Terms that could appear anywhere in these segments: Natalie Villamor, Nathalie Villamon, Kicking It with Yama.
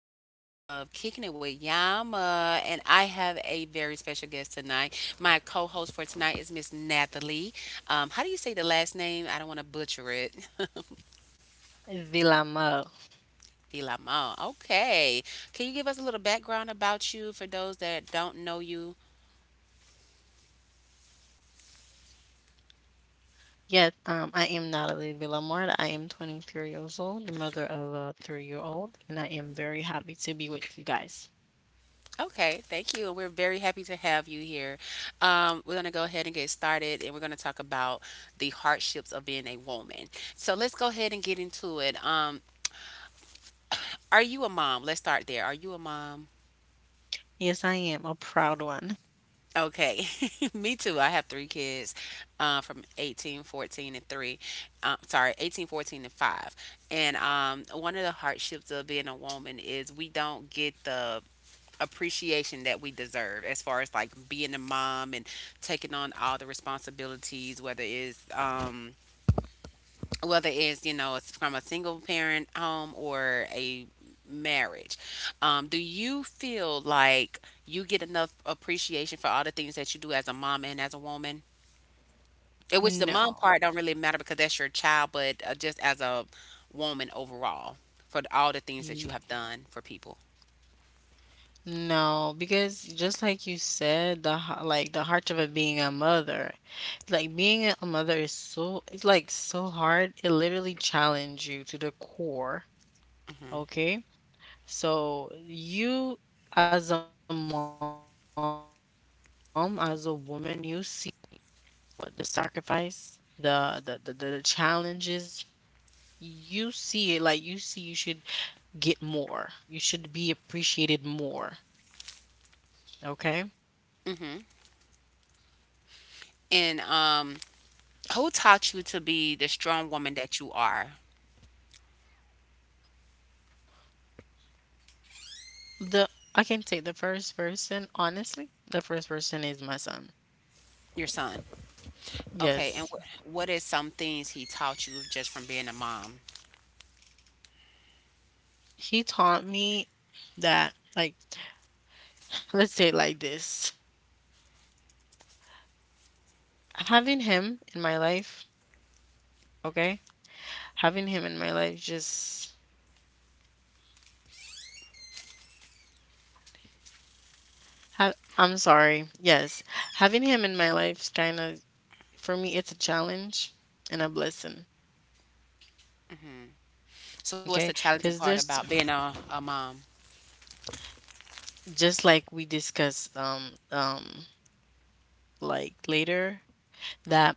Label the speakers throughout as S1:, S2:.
S1: episode of Kicking It with Yama, and I have a very special guest tonight. My co host for tonight is Miss Nathalie. How do you say the last name? I don't want to butcher it.
S2: Villamor.
S1: Villamon. Okay. Can you give us a little background about you for those that don't know you?
S2: Yes, I am Natalie Villamor. I am 23 years old, the mother of a 3 year old, and I am very happy to be with you guys.
S1: Okay, thank you. And we're very happy to have you here. We're going to go ahead and get started, and we're going to talk about the hardships of being a woman. So let's go ahead and get into it. Are you a mom? Let's start there. Are you a mom?
S2: Yes, I am a proud one.
S1: Okay. Me too. I have three kids from 18, 14, and 3. Sorry, 18, 14, and 5. And one of the hardships of being a woman is we don't get the appreciation that we deserve as far as like being a mom and taking on all the responsibilities, whether it's whether it's you know it's from a single parent home or a marriage. Do you feel like you get enough appreciation for all the things that you do as a mom and as a woman, in which the mom
S2: No,
S1: part don't really matter because that's your child, but just as a woman overall, for all the things that you
S2: you-
S1: have done for people?
S2: no, because just like you said, like the hardship of being a mother, like being a mother is it's like so hard. It literally challenges you to the core. Okay, so you as a mom, as a woman, you see what the sacrifice, the challenges. You see it like you see you should get more. You should be appreciated more. Okay?
S1: Hmm. And who taught you to be the strong woman that you are?
S2: The I can say the first person, honestly, the first person is my son.
S1: Your son. Okay. And
S2: Yes.
S1: what is some things he taught you just from being a mom?
S2: He taught me that like, let's say it like this. Having him in my life, okay? Having him in my life just I'm sorry. Yes, having him in my life kind of, for me, it's a challenge and a blessing.
S1: So what's
S2: Okay,
S1: the challenging
S2: because
S1: part
S2: there's,
S1: about being a mom?
S2: just like we discussed, like later, that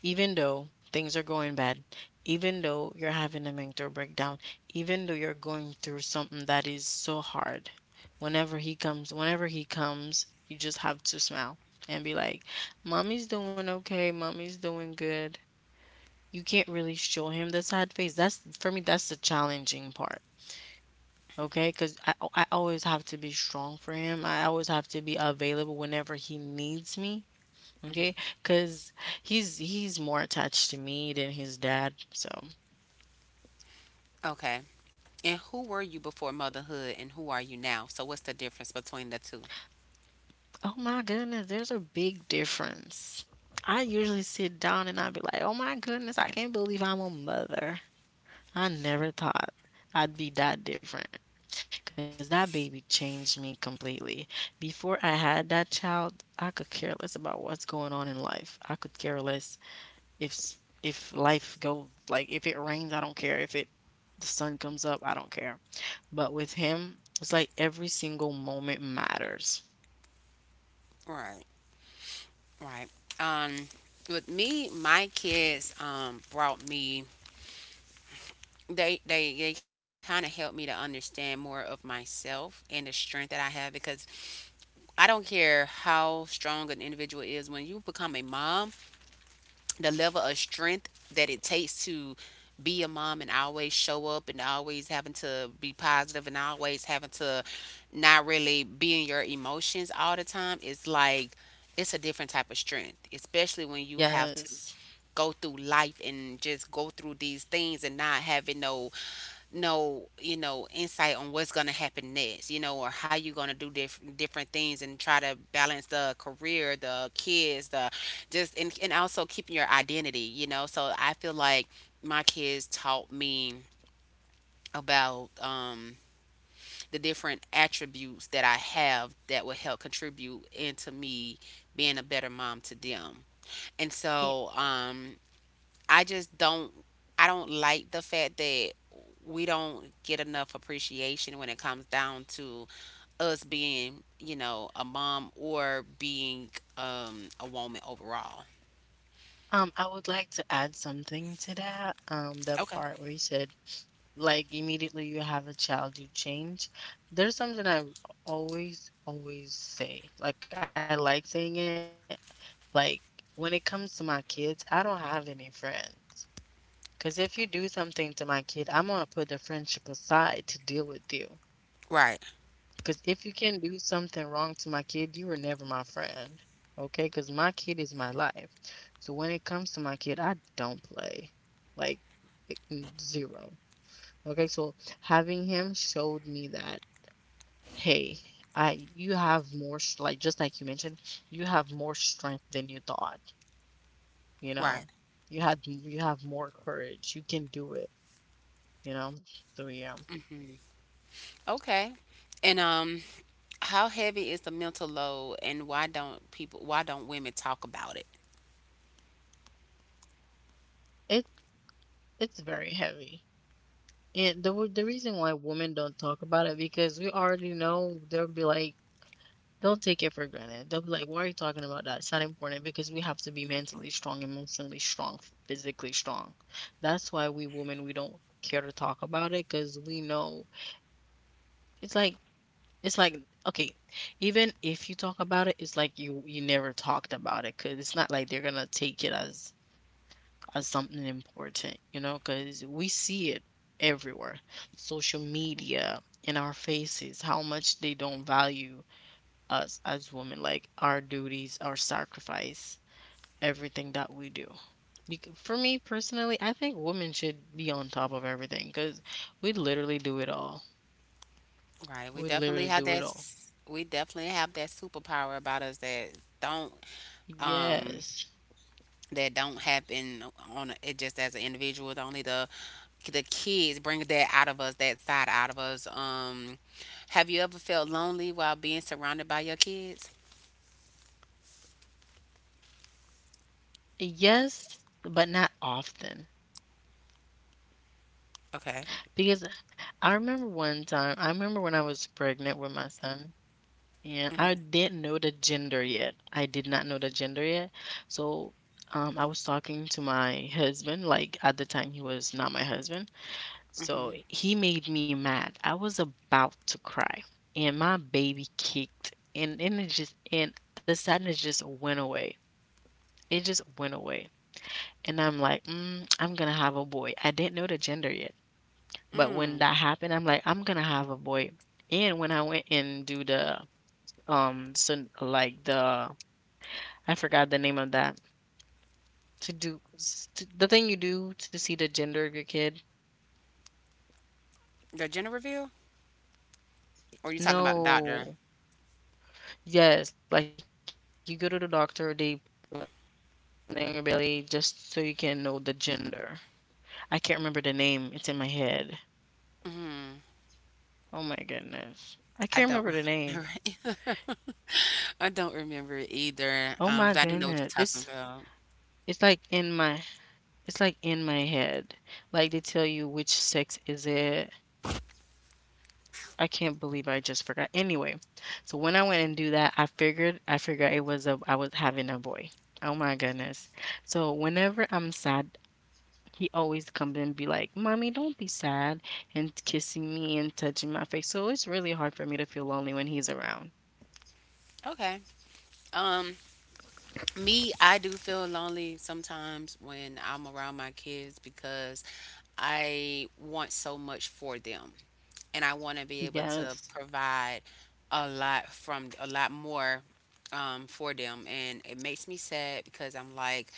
S2: even though things are going bad, even though you're having a mental breakdown, even though you're going through something that is so hard, whenever he comes you just have to smile and be like, mommy's doing okay, mommy's doing good. You can't really show him the sad face. That's for me, that's the challenging part. Okay, because I always have to be strong for him. I always have to be available whenever he needs me. Okay,
S1: Hmm.
S2: because he's more attached to me than his dad. So,
S1: Okay. And who were you before motherhood and who are you now? So what's the difference between the two?
S2: oh my goodness, there's a big difference. I usually sit down and I'd be like, oh my goodness, I can't believe I'm a mother. I never thought I'd be that different because that baby changed me completely. Before I had that child, I could care less about what's going on in life. I could care less. If s if life goes like, if it rains, I don't care, if it the sun comes up, I don't care. But with him, it's like every single moment matters.
S1: Right. Right. Um, with me, my kids brought me, they kind of helped me to understand more of myself and the strength that I have, because I don't care how strong an individual is. When you become a mom, the level of strength that it takes to be a mom and always show up and always having to be positive and always having to not really be in your emotions all the time, it's like, it's a different type of strength, especially when you have to
S2: Yes.
S1: go through life and just go through these things and not having no no, you know, insight on what's going to happen next, you know, or how you're going to do different things and try to balance the career, the kids, the just, and also keeping your identity, you know. So I feel like my kids taught me about the different attributes that I have that will help contribute into me being a better mom to them. And
S2: Y
S1: so, I just don't I don't like the fact that we don't get enough appreciation when it comes down to us being, you know, a mom or being a woman overall.
S2: I would like to add something to that, that
S1: Okay.
S2: part where you said, like, immediately you have a child, you change. There's something I always, always say. Like, I like saying it. Like, when it comes to my kids, I don't have any friends. Because if you do something to my kid, I'm going to put the friendship aside to deal with you.
S1: Right,
S2: Because if you can do something wrong to my kid, you were never my friend. Okay? Because my kid is my life. So when it comes to my kid, I don't play. Like, zero. Okay? So having him showed me that, hey, I you have like just like you mentioned, you have more strength than you thought, you know.
S1: right.
S2: You have more courage. You can do it, you know. So yeah.
S1: Okay. And how heavy is the mental load and why don't women talk about it?
S2: It it's very heavy, and the reason why women don't talk about it, because we already know they'll be like, don't take it for granted. They'll be like, why are you talking about that? It's not important, because we have to be mentally strong, emotionally strong, physically strong. That's why we women, we don't care to talk about it, because we know, it's like it's like okay, even if you talk about it, it's like you never talked about it, because it's not like they're gonna take it as something important, you know, because we see it everywhere, social media, in our faces, how much they don't value us as women, like our duties, our sacrifice, everything that we do. For me personally, I think women should be on top of everything because we literally do it all.
S1: Right.
S2: We literally do it all.
S1: We definitely have that superpower about us that don't um
S2: Yes.
S1: don't happen on it just as an individual. Only the kids bring that out of us, that side out of us. Have you ever felt lonely while being surrounded by your kids?
S2: Yes, but not often.
S1: Okay.
S2: Because I remember one time, I remember when I was pregnant with my son, and I
S1: Mm-hmm.
S2: didn't know the gender yet. I did not know the gender yet. So, I was talking to my husband. Like at the time, he was not my husband. So
S1: Mm-hmm.
S2: he made me mad. I was about to cry, and my baby kicked, and it just and the sadness just went away. It just went away, and I'm like, mm, I'm gonna have a boy. I didn't know the gender yet, but when
S1: Mm.
S2: that happened, I'm like, I'm gonna have a boy. And when I went and do the, um so like the I forgot the name of that. To do s- t the thing you do to see the gender of your kid.
S1: The gender reveal, or are you talking about the doctor?
S2: No. Yes, like you go to the doctor, they put it on your belly just so you can know the gender. I can't remember the name. It's in my head. Oh my
S1: Mm.
S2: goodness. I can't remember the name.
S1: I don't remember. Either. I don't remember it
S2: Oh my
S1: either. But
S2: goodness.
S1: I do know what you're talking about.
S2: It's like in my it's like in my head. Like they tell you which sex is it. I can't believe I just forgot. Anyway, so when I went and do that, I figured it was a I was having a boy. Oh my goodness. So whenever I'm sad, he always comes and be like, "Mommy, don't be sad," and kissing me and touching my face. So it's really hard for me to feel lonely when he's around.
S1: Okay. Um, me, I do feel lonely sometimes when I'm around my kids because I want so much for them, and I want to be able to
S2: Yes.
S1: provide a lot from a lot more for them. And it makes me sad because I'm like,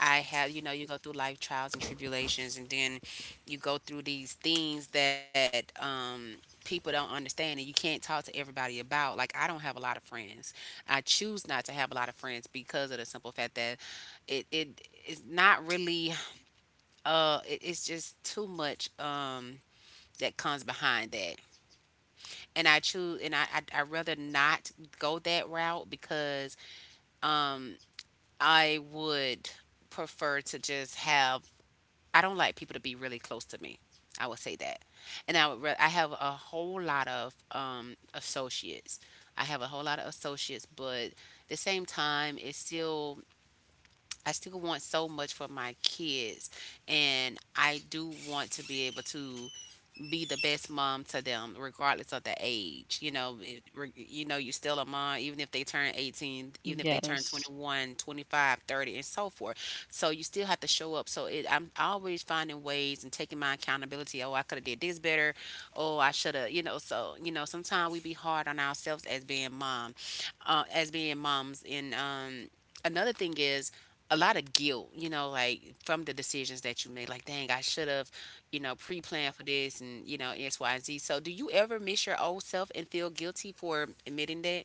S1: I have, you know, you go through life trials and tribulations, and then you go through these things that people don't understand, and you can't talk to everybody about. Like, I don't have a lot of friends. I choose not to have a lot of friends because of the simple fact that it is not really it's just too much that comes behind that, and I rather not go that route, because um I would prefer to just have. I don't like people to be really close to me, I would say that. And I have a whole lot of associates, but the same time it's still I still want so much for my kids, and I do want to be able to be the best mom to them regardless of the age, you know. You know, you're still a mom even if they turn 18,
S2: Yes.
S1: even if they turn 21, 25, 30 and so forth. So you still have to show up. So it, I'm always finding ways and taking my accountability. Oh, I could have did this better, oh I should have, you know. So you know sometimes we be hard on ourselves as being mom, as being moms. And another thing is, a lot of guilt, you know, like from the decisions that you made. Like, dang, I should have, you know, pre-plan for this and you know X, Y, and Z. So, do you ever miss your old self and feel guilty for admitting that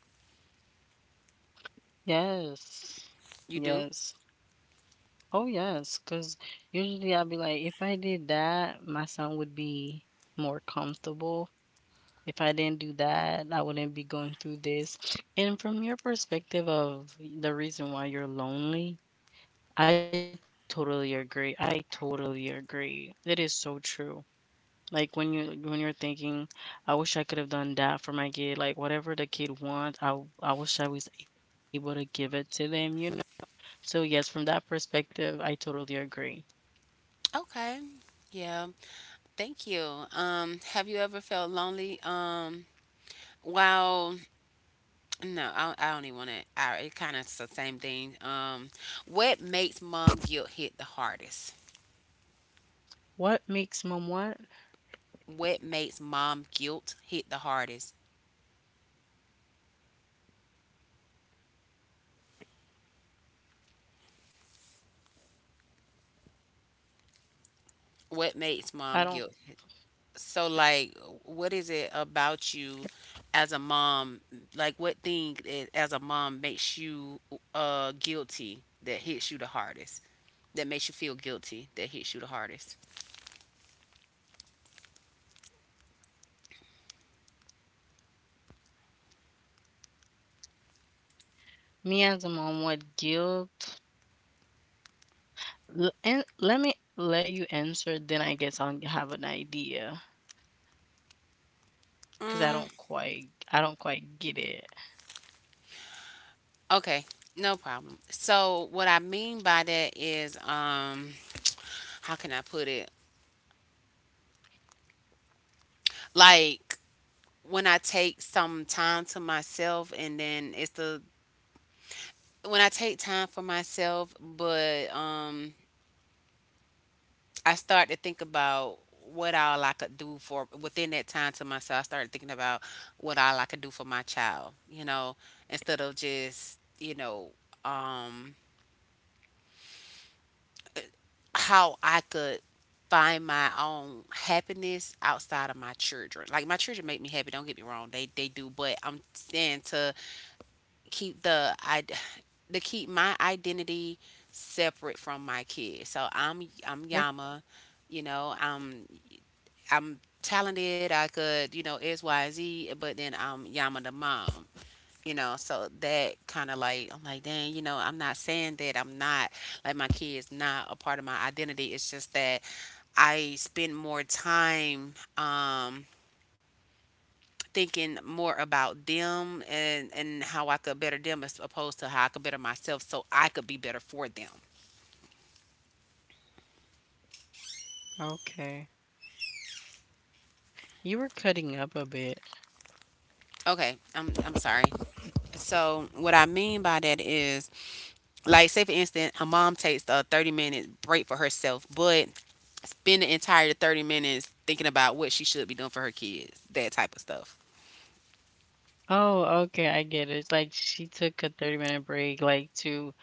S2: Yes.
S1: you do?
S2: Yes. Oh yes, because usually I'll be like, if I did that, my son would be more comfortable. If I didn't do that, I wouldn't be going through this. And from your perspective of the reason why you're lonely, I totally agree. I totally agree. It is so true. Like when you when you're thinking, I wish I could have done that for my kid. Like whatever the kid wants, I wish I was able to give it to them, you know. So yes, from that perspective, I totally agree.
S1: Okay, yeah, thank you. Have you ever felt lonely? Well, no, I don't even want to. It kind of the same thing. What makes mom guilt hit the hardest?
S2: What makes mom what?
S1: What makes mom guilt hit the hardest? What makes
S2: I
S1: mom
S2: don't,
S1: guilt? So like what is it about you as a mom? Like what thing as a mom makes you guilty that hits you the hardest? That makes you feel guilty that hits you the hardest?
S2: me as a mom, what guilt? And let me let you answer, then I guess I'll have an idea, because
S1: Mm,
S2: I don't quite get it.
S1: okay, no problem. So what I mean by that is, how can I put it? Like when I take some time to myself, and then it's the when I take time for myself, but I started to think about what all I could do for within that time to myself. I started thinking about what all I could do for my child, you know, instead of just, um, how I could find my own happiness outside of my children. Like my children make me happy, don't get me wrong. They do, but I'm saying to keep the I to keep my identity separate from my
S2: You're
S1: kids. So I'm Yama, you know, I'm talented. I could, you know, X, Y, Z, but then I'm Yama the mom, you know. So that kind of like, I'm like, dang, you know, I'm not saying that I'm not, like, my kid's not a part of my identity. It's just that I spend more time, thinking more about them and how I could better them as opposed to how I could better myself so I could be better for them.
S2: okay. You were cutting up a bit.
S1: Okay, I'm sorry. So what I mean by that is, like say for instance her mom takes a 30-minute break for herself but spend the entire 30 minutes thinking about what she should be doing for her kids, that type of stuff.
S2: Oh, okay, I get it. It's like she took a 30-minute break, like to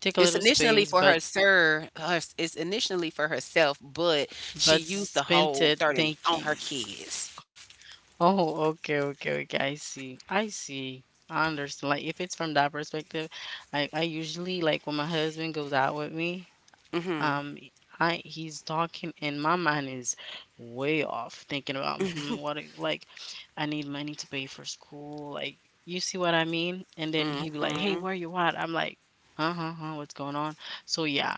S2: take a
S1: It's
S2: little
S1: initially
S2: space,
S1: for
S2: but
S1: her it's initially for herself but she used the
S2: spent
S1: whole
S2: it
S1: 30 on her
S2: thinking.
S1: kids.
S2: Oh, okay, okay, okay. I see. I see. I understand. Like if it's from that perspective, I usually, like when my husband goes out with me,
S1: Mm-hmm.
S2: um I he's talking and my mind is way off thinking about, hmm, like I need money to pay for school, like, you see what I mean, and then he'd be like, hey,
S1: Mm-hmm.
S2: where you at? I'm like, huh, huh, huh, what's going on? So yeah,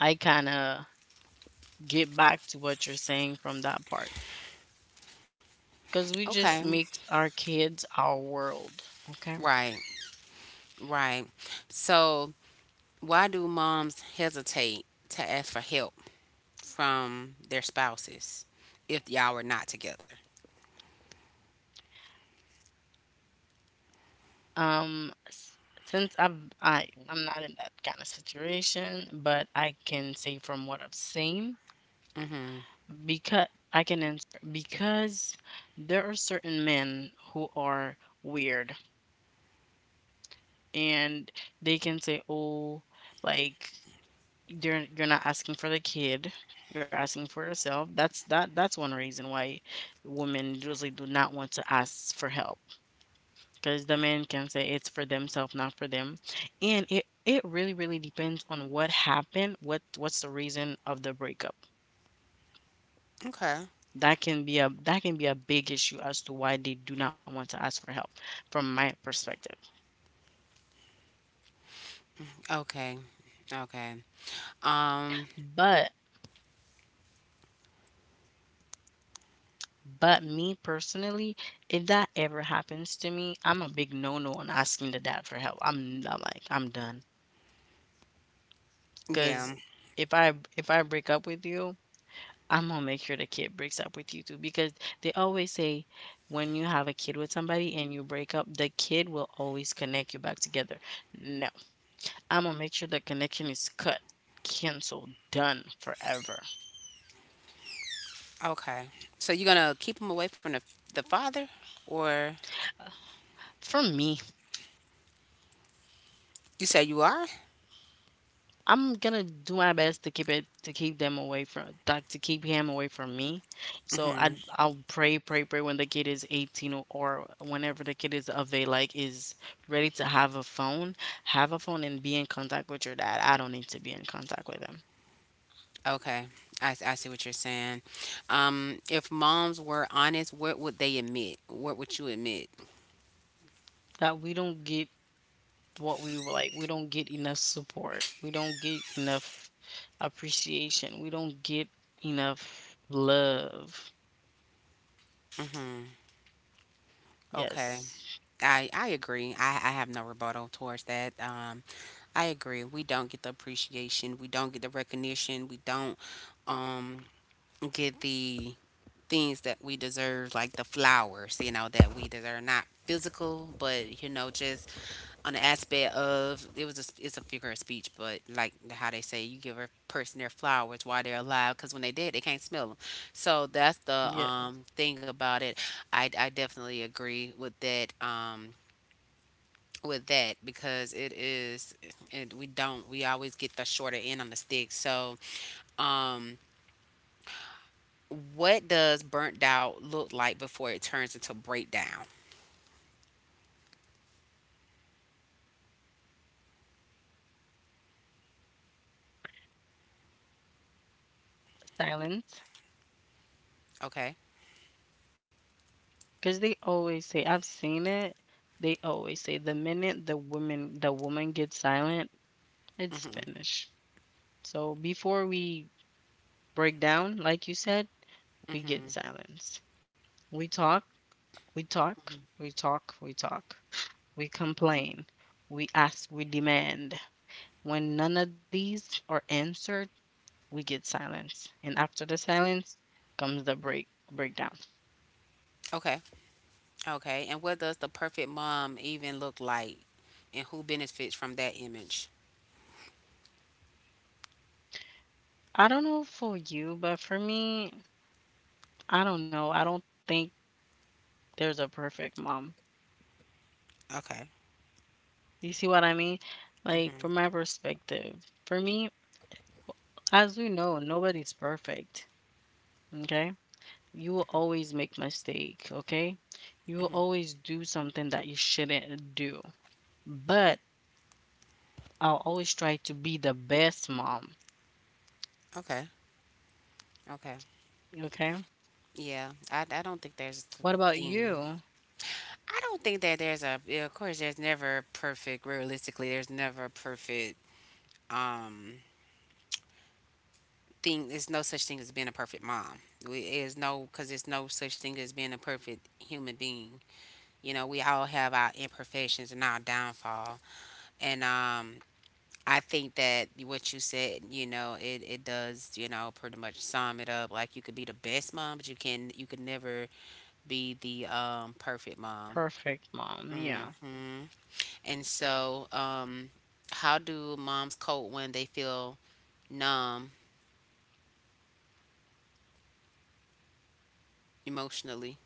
S2: I kind of get back to what you're saying from that part, because we
S1: Okay.
S2: just make our kids our world. Okay.
S1: Right, right. So why do moms hesitate to ask for help from their spouses if y'all are not together?
S2: um s- since I'm I I'm not in that kind of situation, but I can say from what I've seen.
S1: Mm-hmm.
S2: Because I can answer, because there are certain men who are weird, and they can say, "Oh, like you're not asking for the kid, you're asking for yourself." That's one reason why women usually do not want to ask for help, because the men can say it's for themselves, not for them. And it really really depends on what happened, what's the reason of the breakup.
S1: Okay.
S2: That can be a big issue as to why they do not want to ask for help, from my perspective.
S1: Okay. Okay. Um,
S2: But but me personally, if that ever happens to me, I'm a big no-no on asking the dad for help. I'm like, I'm done. Because
S1: yeah.
S2: if I break up with you, I'm gonna make sure the kid breaks up with you too. Because they always say, when you have a kid with somebody and you break up, the kid will always connect you back together. No. I'm gonna make sure the connection is cut, canceled, done forever.
S1: Okay. So you're gonna keep him away from the father, or
S2: Uh, For me,
S1: you say you are?
S2: I'm gonna do my best to keep them away from, like, to keep him away from me. So I
S1: Hmm.
S2: I'll pray, pray, pray, when the kid is 18, or whenever the kid is of age, like, is ready to have a phone and be in contact with your dad. I don't need to be in contact with him.
S1: Okay. I see what you're saying. If moms were honest, what would they admit? What would you admit?
S2: That we don't get what we were like we don't get enough support, we don't get enough appreciation, we don't get enough love.
S1: Hmm. Okay.
S2: Yes.
S1: I agree. I have no rebuttal towards that. I agree. We don't get the appreciation. We don't get the recognition. We don't um, get the things that we deserve, like the flowers, you know, that we deserve, not physical, but you know, just on the aspect of it's a figure of speech, but like how they say, you give a person their flowers while they're alive, because when they dead, they can't smell them. So that's the
S2: Yeah,
S1: thing about it. I definitely agree with that. With that, because it is, it, we don't, we always get the shorter end on the stick. So, um, what does burnt out look like before it turns into breakdown?
S2: silence.
S1: Okay.
S2: Because they always say, I've seen it, they always say the minute the woman gets silent, it's
S1: Mhm.
S2: finished. So before we break down, like you said, we get
S1: Mhm.
S2: silence. We talk, we talk we talk, we complain, we ask, we demand. When none of these are answered, we get silence. And after the silence comes the breakdown.
S1: Okay. Okay. And what does the perfect mom even look like, and who benefits from that image?
S2: I don't know for you, but for me, I don't know. I don't think there's a perfect mom.
S1: Okay.
S2: You see what I mean? Like
S1: Mhm.
S2: from my perspective, for me, as we know, nobody's perfect. Okay? You will always make mistake, okay? You will
S1: Mhm.
S2: always do something that you shouldn't do. But I'll always try to be the best mom,
S1: Okay. Okay.
S2: okay?
S1: Yeah. I don't think there's a
S2: What about
S1: thing.
S2: you?
S1: I don't think that there's a. Yeah, of course, there's never perfect. Realistically, there's never a perfect um thing. There's no such thing as being a perfect mom. We is no because there's no such thing as being a perfect human being. You know, we all have our imperfections and our downfall. And I think that what you said, it does, pretty much sum it up. Like you could be the best mom, but you can never be the perfect mom.
S2: Perfect mom. Yeah.
S1: hmm And so, um, how do moms cope when they feel numb emotionally?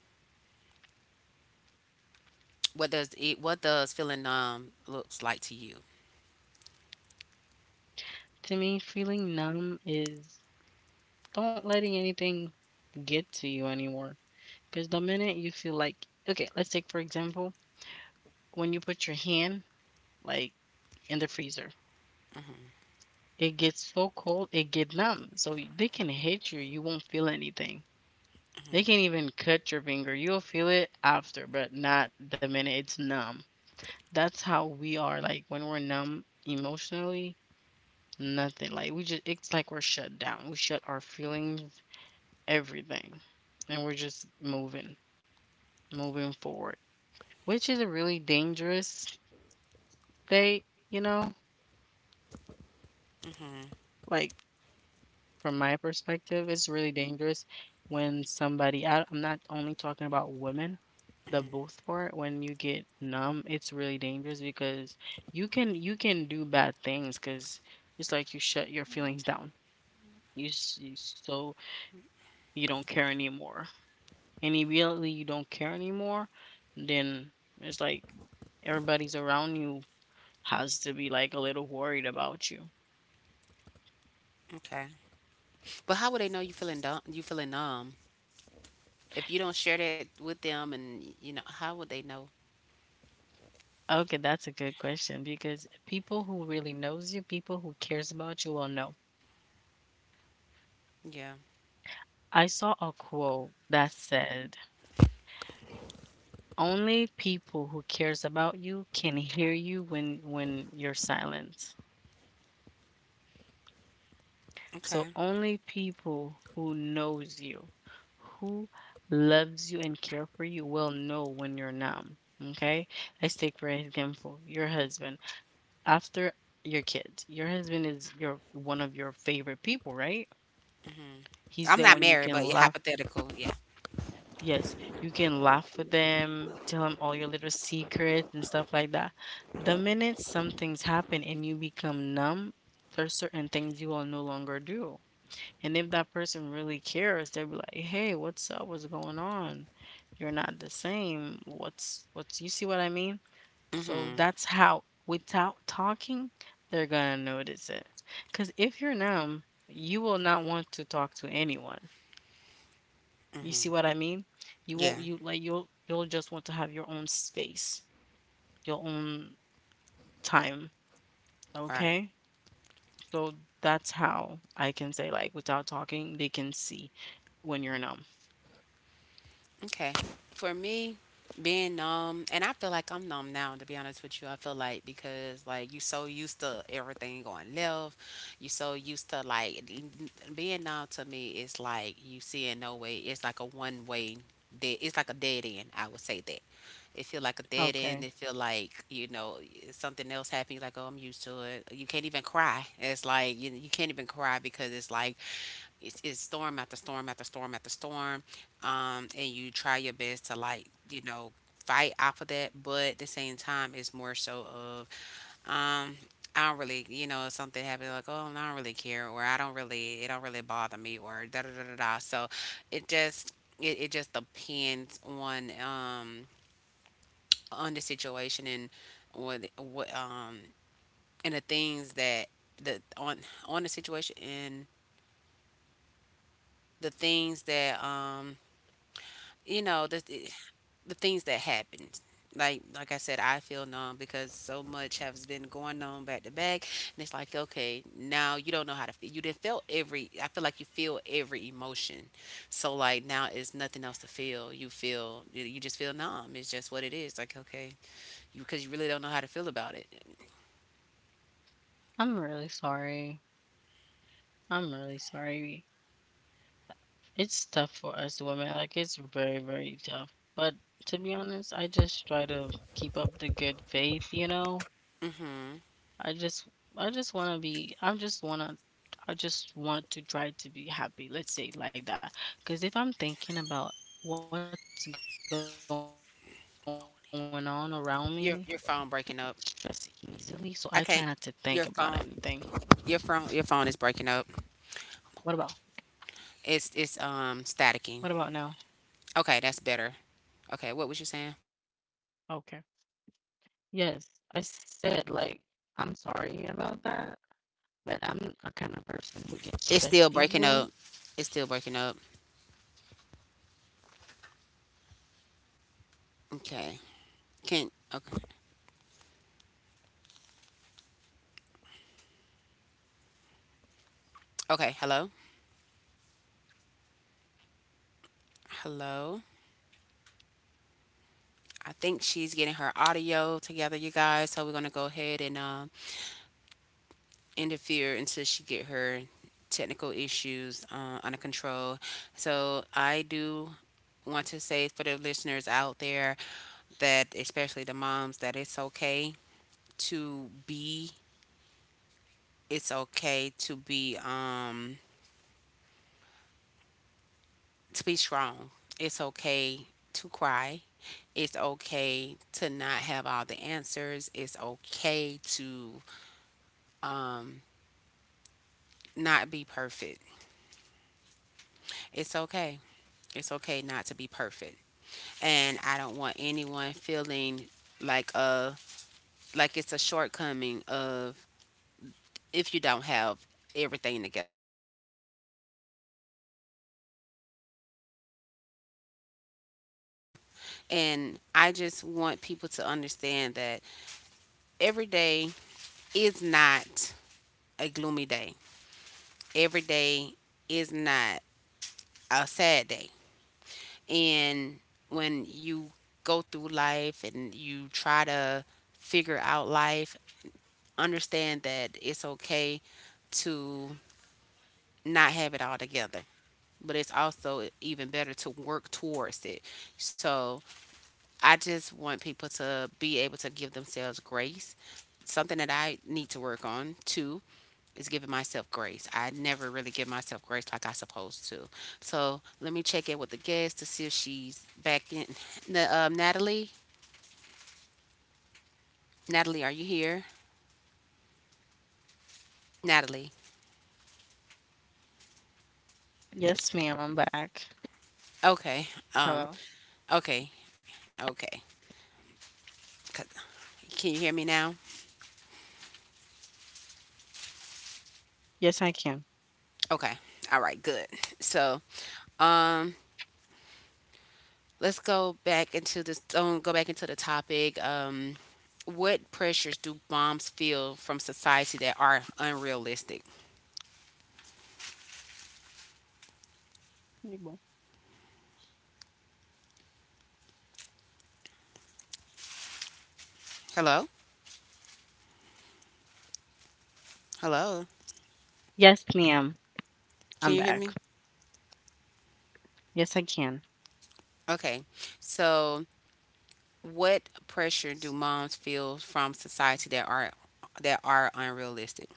S1: What does feeling numb looks like to you?
S2: To me, feeling numb is don't letting anything get to you anymore. Because the minute you feel like, okay, let's take for example, when you put your hand like in the freezer,
S1: hmm
S2: it gets so cold, it get numb. So they can hit you, you won't feel anything. They can even cut your finger. You'll feel it after, but not the minute it's numb. That's how we are like when we're numb emotionally. Nothing. Like we just it's like we're shut down. We shut our feelings, everything. And we're just moving, moving forward. Which is a really dangerous state, you know? Like from my perspective, it's really dangerous when somebody I'm not only talking about women, the both part, when you get numb, it's really dangerous because you can do bad things because it's like you shut your feelings down. You so you don't care anymore, and immediately you don't care anymore, then it's like everybody's around you has to be like a little worried about you.
S1: Okay, but how would they know you feeling dumb? You feeling numb if you don't share that with them? And you know, how would they know?
S2: Okay, that's a good question because people who really knows you, people who cares about you will know.
S1: Yeah.
S2: I saw a quote that said, "Only people who cares about you can hear you when you're silent." So
S1: Okay.
S2: only people who knows you, who loves you and care for you will know when you're numb. Okay? Let's take for example your husband. After your kids, your husband is your one of your favorite people, right? He's
S1: I'm
S2: the
S1: not
S2: one you
S1: married,
S2: can
S1: but yeah,
S2: laugh.
S1: hypothetical. Yeah.
S2: Yes, you can laugh with them, tell him all your little secrets and stuff like that. The minute something's happened and you become numb, there's certain things you will no longer do. And if that person really cares, they'll be like, "Hey, what's up? What's going on? You're not the same. What's you see what I mean?" So
S1: Mhm.
S2: that's how without talking, they're gonna notice it. Cause if you're numb, you will not want to talk to anyone. You
S1: Mhm.
S2: see what I mean? You
S1: Yeah.
S2: won't you like you'll just want to have your own space, your own time.
S1: Right.
S2: Okay? So that's how I can say, like, without talking, they can see when you're numb.
S1: Okay. For me, being numb, and I feel like I'm numb now. To be honest with you, I feel like because like you so used to everything going left, you so used to like being numb to me is like you seeing no way. It's like a one way. Dead, it's like a dead end. I would say that it feel like a dead end.
S2: Okay.
S1: It feel like you know something else happened. You're like, oh, I'm used to it. You can't even cry. It's like you can't even cry because it's like it's storm after storm after storm after storm, and you try your best to like you know fight off of that, but at the same time, it's more so of um, I don't really you know if something happened like oh no, I don't really care or I don't really it don't really bother me or da da da da da. So it just it just depends on the situation and what and the things that the on the situation and the things that you know the things that happened like I said I feel numb because so much has been going on back to back, and it's like okay now you don't know how to feel. You didn't feel every, I feel like you feel every emotion, so like now it's nothing else to feel. You just feel numb. It's just what it is. Like okay, you because you really don't know how to feel about it.
S2: I'm really sorry. I'm really sorry. It's tough for us women. Like it's very, very tough. But to be honest, I just try to keep up the good faith, you know?
S1: Mm-hmm.
S2: I just I just wanna be I just wanna I just want to try to be happy, let's say it like that. Cause if I'm thinking about what's going on around me, I get stressed easily. So I
S1: your
S2: try
S1: your
S2: not to
S1: phone breaking
S2: think
S1: up,
S2: about anything.
S1: I can't. your phone your phone is
S2: What
S1: breaking
S2: about
S1: up. It's
S2: now?
S1: staticking. Okay, that's better. Okay, what was you saying?
S2: Okay. Yes, I said, like, "I'm sorry about that, but I'm a kind of person who gets
S1: It's
S2: stressed
S1: still breaking
S2: easily."
S1: up. It's still breaking up. Okay. Can, okay. Okay, hello. Hello. I think she's getting her audio together, you guys. So we're gonna go ahead and interfere until she get her technical issues under control. So I do want to say for the listeners out there that especially the moms that it's okay to be, it's okay to be strong. It's okay to cry. It's okay to not have all the answers. It's okay to um, not be perfect. It's okay. It's okay not to be perfect. And I don't want anyone feeling like a like it's a shortcoming of if you don't have everything together. And I just want people to understand that every day is not a gloomy day. Every day is not a sad day. And when you go through life and you try to figure out life, understand that it's okay to not have it all together. But it's also even better to work towards it. So I just want people to be able to give themselves grace. Something that I need to work on too is giving myself grace. I never really give myself grace like I supposed to. So let me check in with the guest to see if she's back in. Natalie, Natalie, are you here? Natalie.
S2: Yes, ma'am, I'm back. Hello.
S1: Okay. Um. Okay. Okay. C- Can you hear me now?
S2: Yes, I can.
S1: Okay. All right. Good. So um, let's go back into this. Go back into the topic. What pressures do moms feel from society that are unrealistic?
S2: You bon.
S1: Hello. Hello.
S2: Yes, ma'am, I'm
S1: Can you
S2: back.
S1: hear me?
S2: Yes, I can.
S1: Okay. So, what pressure do moms feel from society that are unrealistic?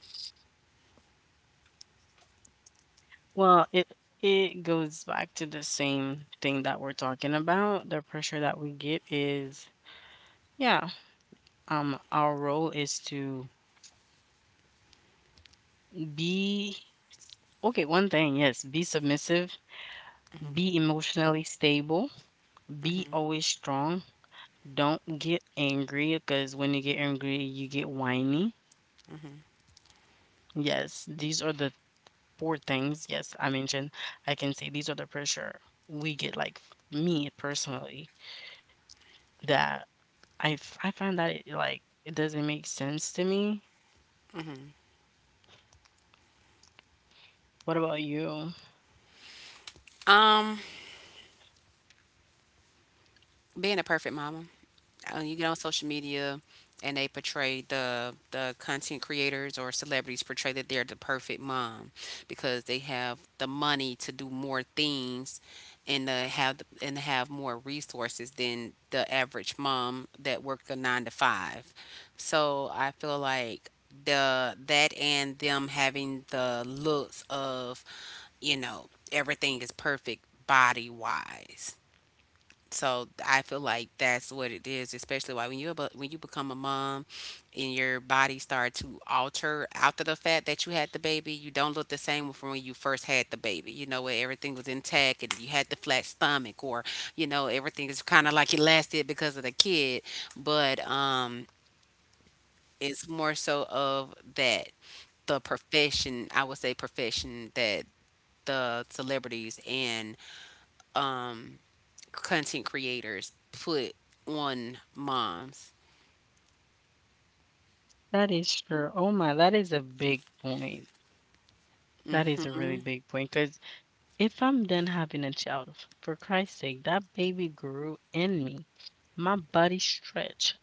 S2: Well, it goes back to the same thing that we're talking about. The pressure that we get is, yeah, our role is to be. Okay, one thing, yes, be submissive,
S1: hmm
S2: be emotionally stable, be
S1: hmm
S2: always strong. Don't get angry because when you get angry, you get whiny.
S1: hmm
S2: Yes, these are the four things. Yes, I mentioned I can say these are the pressure we get, like me personally, that I find that it doesn't make sense to me. What about you?
S1: Um, being a perfect mama. Uh, you get on social media and they portray the content creators or celebrities portray that they're the perfect mom because they have the money to do more things and have more resources than the average mom that worked a 9 to 5. So I feel like the that and them having the looks of, you know, everything is perfect body wise. So I feel like that's what it is, especially why when you when you become a mom and your body start to alter after the fact that you had the baby, you don't look the same from when you first had the baby. You know where everything was intact and you had the flat stomach, or you know everything is kind of like elastic because of the kid. But it's more so of that the profession, I would say profession that the celebrities and um content creators put on moms.
S2: That is true. Oh my, that is a big point. That is a really big point because if I'm done having a child, for Christ's sake, that baby grew in me. My body stretched.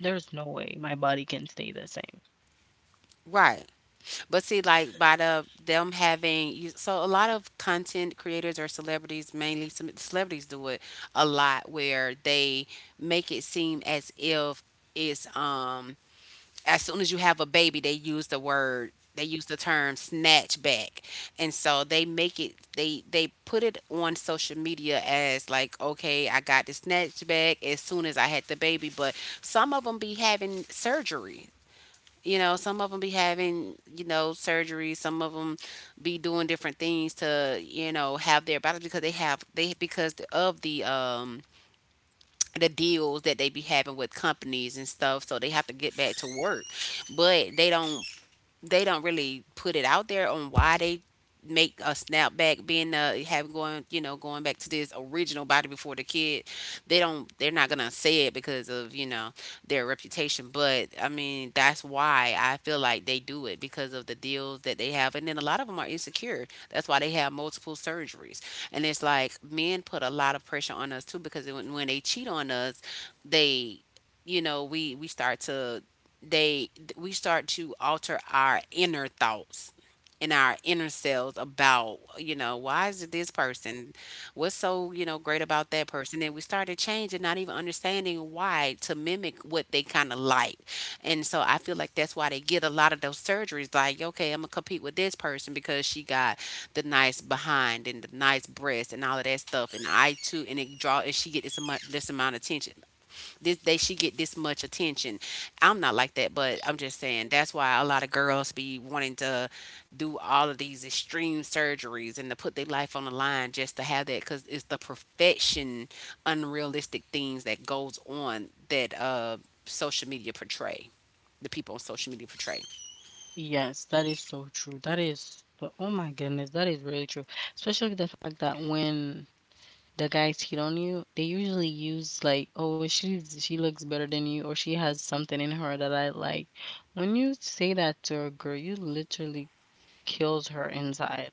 S2: There's no way my body can stay the same.
S1: Right. But see, like by the them having so a lot of content creators or celebrities, mainly some celebrities do it a lot where they make it seem as if it's as soon as you have a baby, they use the term snatch back. And so they make it, they put it on social media as like, okay, I got the snatch back as soon as I had the baby. But some of them be having surgery. You know, some of them be having, you know, surgery. Some of them be doing different things to, you know, have their bodies because they have they because of the deals that they be having with companies and stuff, so they have to get back to work, but they don't really put it out there on why they make a snapback being have going you know going back to this original body before the kid. They don't, they're not gonna say it because of you know their reputation. But I mean that's why I feel like they do it because of the deals that they have, and then a lot of them are insecure, that's why they have multiple surgeries. And it's like men put a lot of pressure on us too, because when they cheat on us, they you know we start to, they we start to alter our inner thoughts and our inner selves about you know why is it this person, what's so you know great about that person, and we started changing not even understanding why, to mimic what they kind of like. And so I feel like that's why they get a lot of those surgeries, like okay, I'm gonna compete with this person because she got the nice behind and the nice breast and all of that stuff, and I too, and it draw, and she get this amount of attention, this they she get this much attention. I'm not like that, but I'm just saying that's why a lot of girls be wanting to do all of these extreme surgeries and to put their life on the line just to have that, because it's the perfection, unrealistic things that goes on that social media portray, the people on social media portray.
S2: Yes, that is so true. That is, but oh my goodness, that is really true. Especially the fact that when the guys hit on you, they usually use like, oh, she looks better than you, or she has something in her that I like. When you say that to a girl, you literally kills her inside.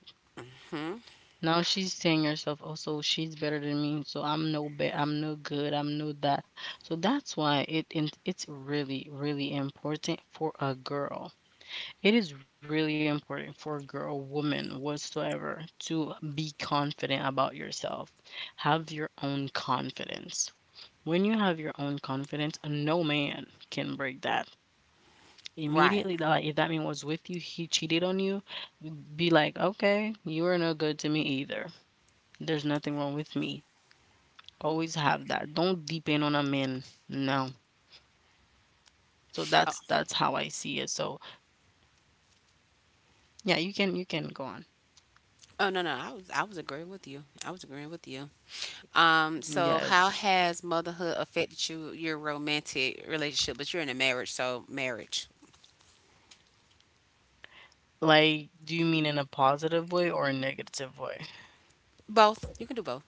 S2: Now she's saying herself, "Oh, so she's better than me, so I'm no bad. I'm no good, I'm no that." So that's why it's really, really important for a girl. It is really important for a girl, woman, whatsoever, to be confident about yourself. Have your own confidence. When you have your own confidence, no man can break that.
S1: Right.
S2: Immediately, that, like if that man was with you, he cheated on you, be like, "Okay, you are no good to me either." There's nothing wrong with me. Always have that. Don't depend on a man. No. So that's how I see it. So yeah, you can go on.
S1: Oh no no, I was agreeing with you. I was agreeing with you. So
S2: Yes.
S1: how has motherhood affected your romantic relationship? But you're in a marriage, so marriage.
S2: Like, do you mean in a positive way or a negative way?
S1: Both. You can do both.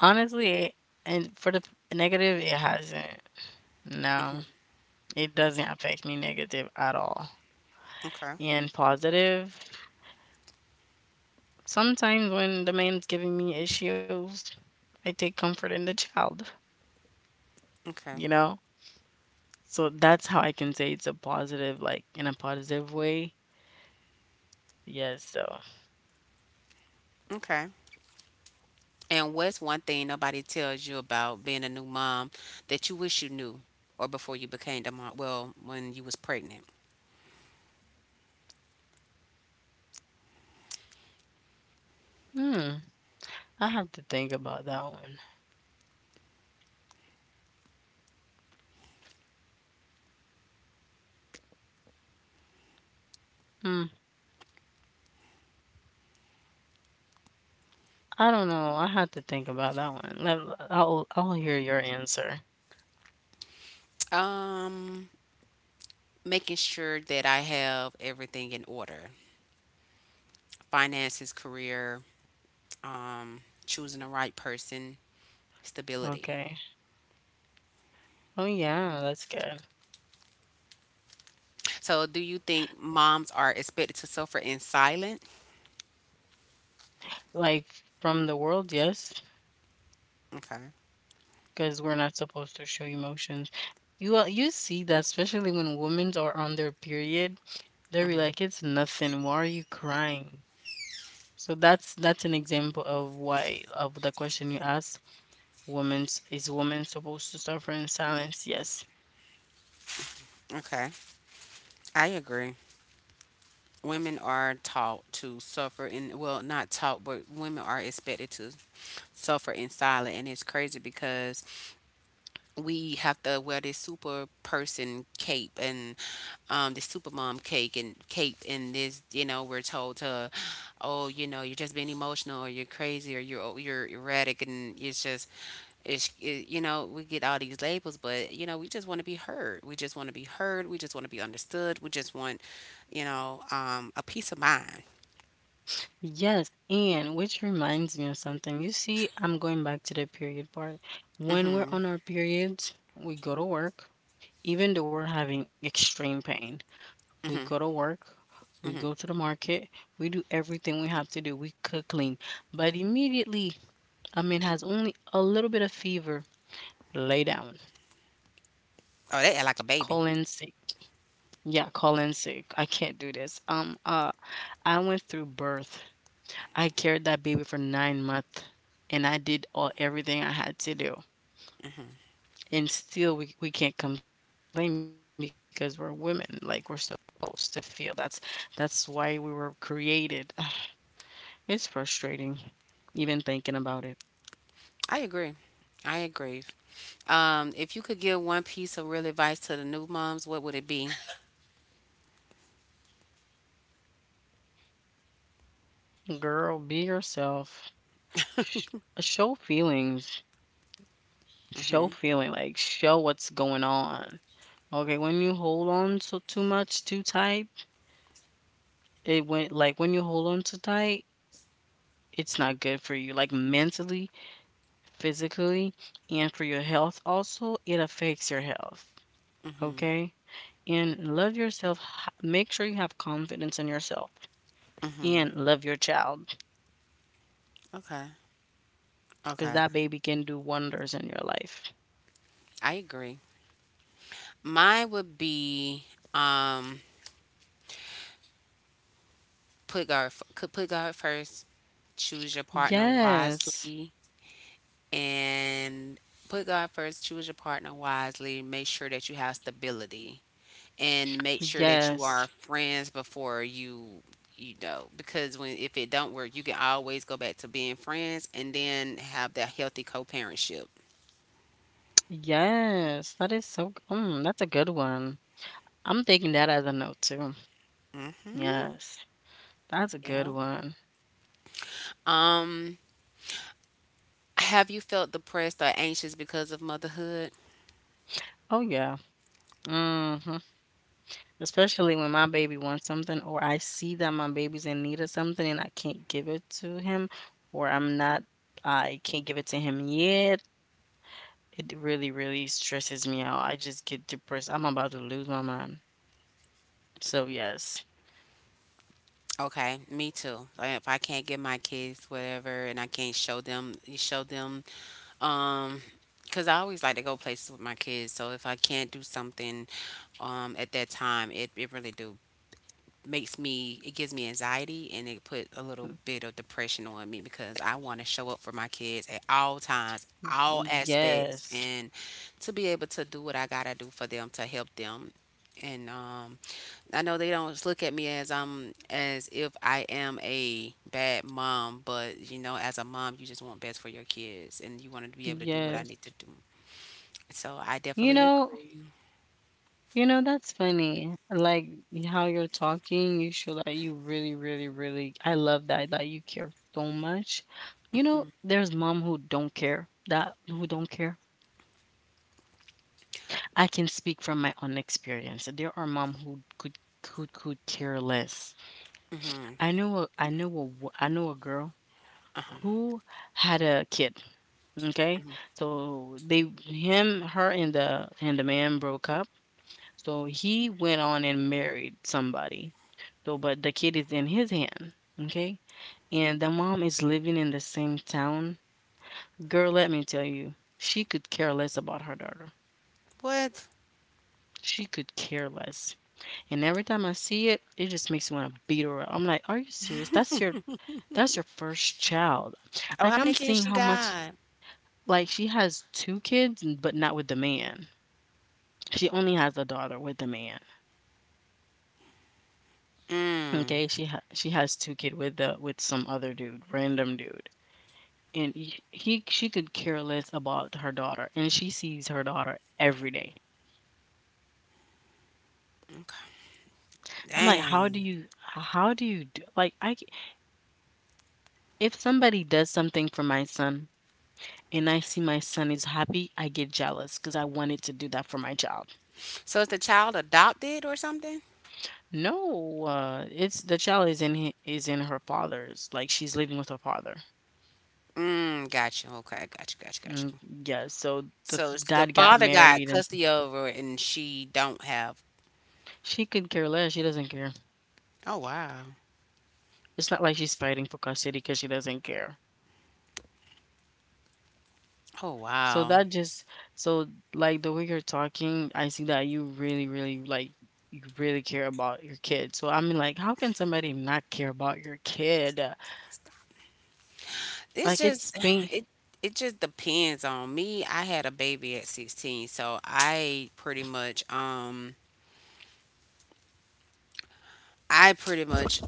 S2: Honestly, and for the p- negative, it hasn't. No, it doesn't affect me negative at all.
S1: Okay.
S2: And positive, sometimes when the man's giving me issues, I take comfort in the child,
S1: Okay.
S2: you know? So that's how I can say it's a positive, like in a positive way. Yes, so
S1: Okay. And what's one thing nobody tells you about being a new mom that you wish you knew or before you became the mom, well, when you was pregnant?
S2: hmm, I have to think about that one. Hmm, I don't know. I have to think about that one. Let, I'll hear your answer.
S1: Um, making sure that I have everything in order. Finances, career, um, choosing the right person, stability.
S2: Okay. Oh yeah, that's good.
S1: So, do you think moms are expected to suffer in silence?
S2: Like from the world, yes,
S1: Okay.
S2: because we're not supposed to show emotions. You you see that especially when women are on their period, they're like, it's nothing. Why are you crying? So that's an example of why of the question you asked. Women is women supposed to suffer in silence? Yes.
S1: Okay. I agree. Women are taught to suffer in, well, not taught, but women are expected to suffer in silence. And it's crazy because we have to wear this super person cape and the super mom cake and cape and this, you know we're told to, oh you know you're just being emotional or you're crazy or you're, oh, you're erratic, and it's just you know we get all these labels, but you know we just want to be heard, we just want to be heard, we just want to be understood, we just want you know a peace of mind.
S2: Yes, and which reminds me of something. You see, I'm going back to the period part. When we're
S1: Hmm.
S2: on our periods, we go to work, even though we're having extreme pain. We go to work, we go to the market, we do everything we have to do. We cook, clean. But immediately, a man has only a little bit of fever, lay down,
S1: Oh, they act like a baby.
S2: call in sick. Yeah, call in sick. I can't do this. I went through birth. I carried that baby for 9 months, and I did all everything I had to do. And still, we can't complain because we're women. Like we're supposed to feel. That's why we were created. It's frustrating, even thinking about it.
S1: I agree. I agree. If you could give one piece of real advice to the new moms, what would it be?
S2: Girl, be yourself. Sh- show feelings.
S1: Hmm.
S2: Show feeling. Like show what's going on. Okay, when you hold on so too much, too tight. When you hold on too tight, it's not good for you, like, mentally, physically, and for your health also, it affects your health,
S1: Hmm.
S2: okay? And love yourself, h make sure you have confidence in yourself,
S1: Hmm.
S2: and love your child
S1: Okay.
S2: because
S1: Okay.
S2: that baby can do wonders in your life.
S1: I agree. Mine would be um, put God f- could put God first. Choose your partner
S2: Yes.
S1: wisely, and put God first. Choose your partner wisely. Make sure that you have stability and make sure that you are
S2: Yes.
S1: friends before you you know Because when if it don't work you can always go back to being friends and then have that healthy co-parentship.
S2: Yes. That is so mm, that's a good one. I'm taking that as a note too.
S1: Hmm.
S2: Yes. That's a good
S1: Yeah.
S2: one.
S1: um have you felt depressed or anxious because of motherhood?
S2: Oh, yeah. Mhm. Especially when my baby wants something or I see that my baby's in need of something and I can't give it to him, or I'm not I can't give it to him yet, it really, really stresses me out. I just get depressed. I'm about to lose my mind. So yes.
S1: Okay, me too. Like, if I can't get my kids whatever and I can't show them you show them. um because I always like to go places with my kids, so if I can't do something at that time it really do makes me, it gives me anxiety and it put a little
S2: Mm,
S1: bit of depression on me, because I want to show up for my kids at all times, all aspects,
S2: yes.
S1: and to be able to do what I got to do for them to help them. And I know they don't look at me as if I am a bad mom, but you know, as a mom you just want best for your kids and you want to be able to do what I
S2: Yes.
S1: need to do. So I
S2: You
S1: definitely
S2: know,
S1: agree.
S2: That's funny. Like how you're talking, you show that you really, really, really, I love that, that you care so much. You know, there's mom who don't care, that who don't care. I can speak from my own experience. There are mom who could care less.
S1: Mhm.
S2: I know a girl who had a kid. Okay, so they him her and the man broke up. So he went on and married somebody. So, but the kid is in his hand, okay? And the mom is living in the same town. Girl, let me tell you, she could care less about her daughter.
S1: What?
S2: She could care less. And every time I see it, it just makes me want to beat her up. I'm like, are you serious? That's your first child.
S1: Oh, how
S2: Like
S1: many
S2: I'm
S1: kids
S2: seeing
S1: she
S2: how much
S1: got?
S2: like she has two kids, but not with the man. She only has a daughter with the man.
S1: Mm.
S2: Okay, she has two kid with the with some other dude, random dude. And he she could care less about her daughter and she sees her daughter every day.
S1: Okay.
S2: I'm like,
S1: Dang.
S2: how do you do like I c- if somebody does something for my son and I see my son is happy, I get jealous because I wanted to do that for my child.
S1: So is the child adopted or something?
S2: No, it's the child is in hi- is in her father's, like she's living with her father.
S1: Mm, got you. Okay, got you, got you, got
S2: Mm,
S1: you.
S2: yeah, so the
S1: So it's, the
S2: dad got
S1: father got
S2: married and
S1: custody over it and she don't have.
S2: she could care less. She doesn't care.
S1: Oh wow.
S2: It's not like she's fighting for custody because she doesn't care.
S1: Oh
S2: So
S1: wow.
S2: that just so like the way you're talking, I see that you really, really like, you really care about your kid. So I mean, like, how can somebody not care about your kid?
S1: It's
S2: Like it's
S1: just
S2: me.
S1: it it just depends on me. I had a baby at 16, so I pretty much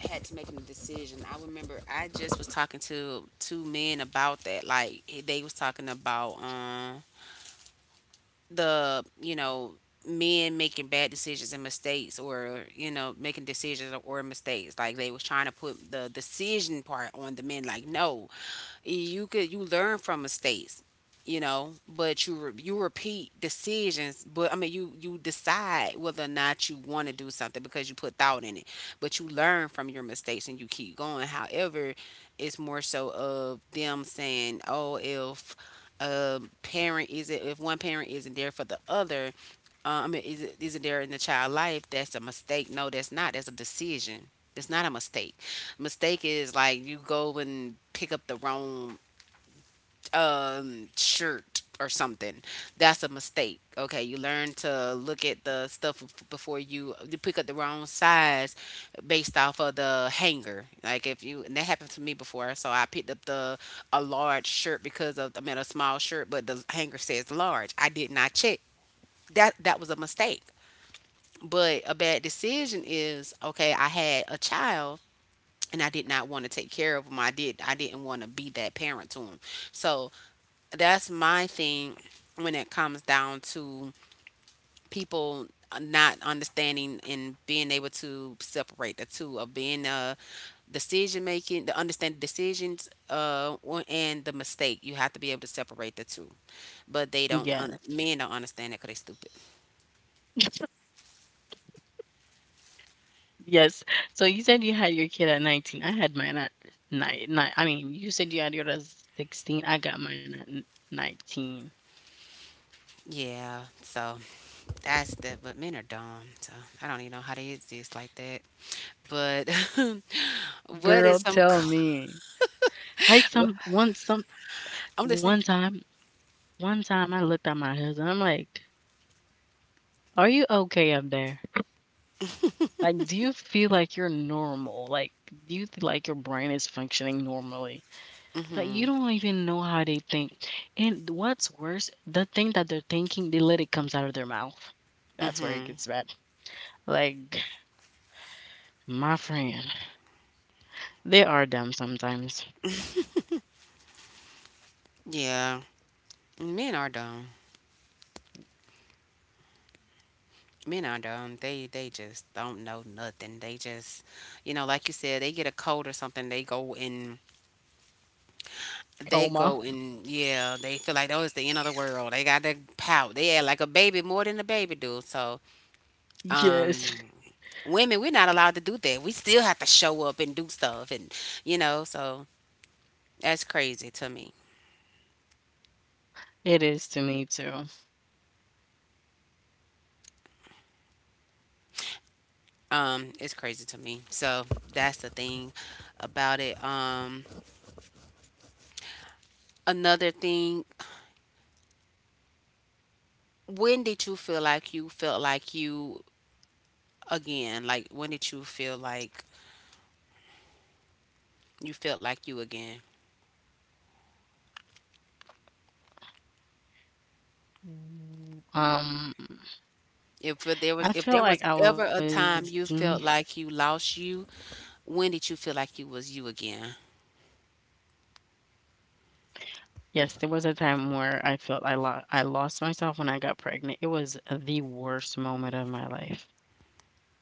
S1: had to make a decision. I remember I just was talking to two men about that. Like they was talking about the, you know, men making bad decisions and mistakes, or you know, making decisions or mistakes. Like they was trying to put the decision part on the men. Like no, you could, you learn from mistakes, you know, but you you repeat decisions. But I mean, you decide whether or not you want to do something because you put thought in it, but you learn from your mistakes and you keep going. However, it's more so of them saying, oh, if a parent isn't if one parent isn't there for the other, I mean, is it, isn't there in the child life, that's a mistake. No, that's not, that's a decision. It's not a mistake. Mistake is like you go and pick up the wrong shirt or something. That's a mistake. Okay, you learn to look at the stuff before you pick up the wrong size based off of the hanger. Like if you, and that happened to me before, so I picked up the a large shirt because of, I mean, a small shirt, but the hanger says large. I did not check. That, that was a mistake. But a bad decision is, okay, I had a child and I did not want to take care of him. I did. I didn't want to be that parent to him. So that's my thing when it comes down to people not understanding and being able to separate the two of being a decision making the understand decisions and the mistake. You have to be able to separate the two. But they don't
S2: Yeah.
S1: men don't understand it because they stupid.
S2: Yes. So you said you had your kid at 19. I had mine at nine. Nine I mean, you said you had yours at 16. I got mine at n- 19.
S1: Yeah, so that's the, but men are dumb, so I don't even know how they exist like that. But what
S2: Girl,
S1: is some.
S2: tell me. I some
S1: I'm listening.
S2: one time one time I looked at my husband. I'm like, are you okay up there? Like, do you feel like you're normal? Like, do you feel like your brain is functioning normally? Like, you
S1: Mm-hmm.
S2: don't even know how they think. And what's worse, the thing that they're thinking, they let it comes out of their mouth. That's where it
S1: Mm-hmm.
S2: gets bad. Like, my friend, they are dumb sometimes.
S1: Yeah. Men are dumb. Men are dumb. They just don't know nothing. They just, you know, like you said, they get a cold or something. They
S2: Coma.
S1: go and yeah, they feel like, oh, it's the end of the world. They got to pout. They act like a baby more than a baby do. So,
S2: Yes,
S1: um, women, we're not allowed to do that. We still have to show up and do stuff, and you know, so that's crazy to me.
S2: it is to me too.
S1: It's crazy to me. So that's the thing about it. Another thing, when did you feel like you felt like you again? Like when did you feel like you felt like you again?
S2: Um,
S1: If there
S2: I
S1: was, if
S2: feel
S1: there
S2: like
S1: was
S2: I
S1: ever
S2: was
S1: a
S2: me
S1: time you felt like you lost you, when did you feel like you was you again?
S2: Yes, there was a time where I felt I lost myself when I got pregnant. It was the worst moment of my life.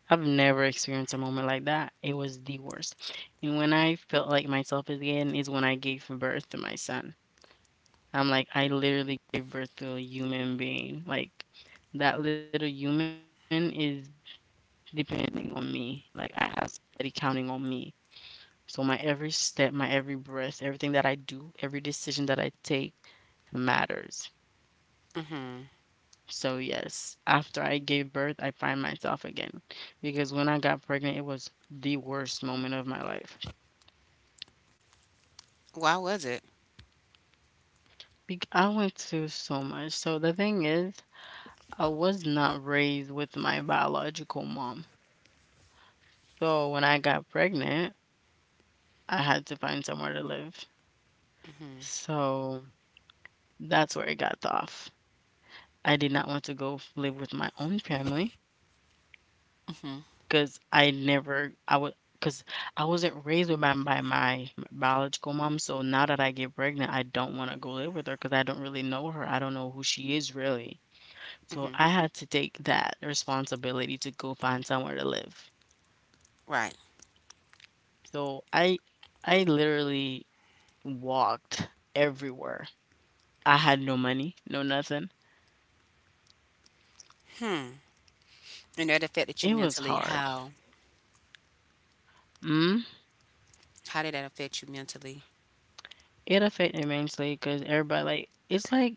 S2: I've never experienced a moment like that. It was the worst. And when I felt like myself again is when I gave birth to my son. I'm like, I literally gave birth to a human being. Like that little human is depending on me. Like I have somebody counting on me. So my every step, my every breath, everything that I do, every decision that I take matters.
S1: Mhm.
S2: So yes, after I gave birth, I find myself again because when I got pregnant, it was the worst moment of my life.
S1: Why was it?
S2: I went through so much. So the thing is, I was not raised with my biological mom. So when I got pregnant, I had to find somewhere to live.
S1: Mhm.
S2: So that's where it got tough. I did not want to live with my own family.
S1: Mhm.
S2: 'Cause I never I would cause I wasn't raised with my biological mom, so now that I get pregnant, I don't wanna go live with her cause I don't really know her, I don't know who she is really. So,
S1: Mhm.
S2: I had to take that responsibility to go find somewhere to live.
S1: Right.
S2: So, I literally walked everywhere. I had no money, no nothing.
S1: And that affected you
S2: It was
S1: mentally.
S2: hard.
S1: How?
S2: Mm,
S1: How did that affect you mentally?
S2: it affected cause everybody like it's like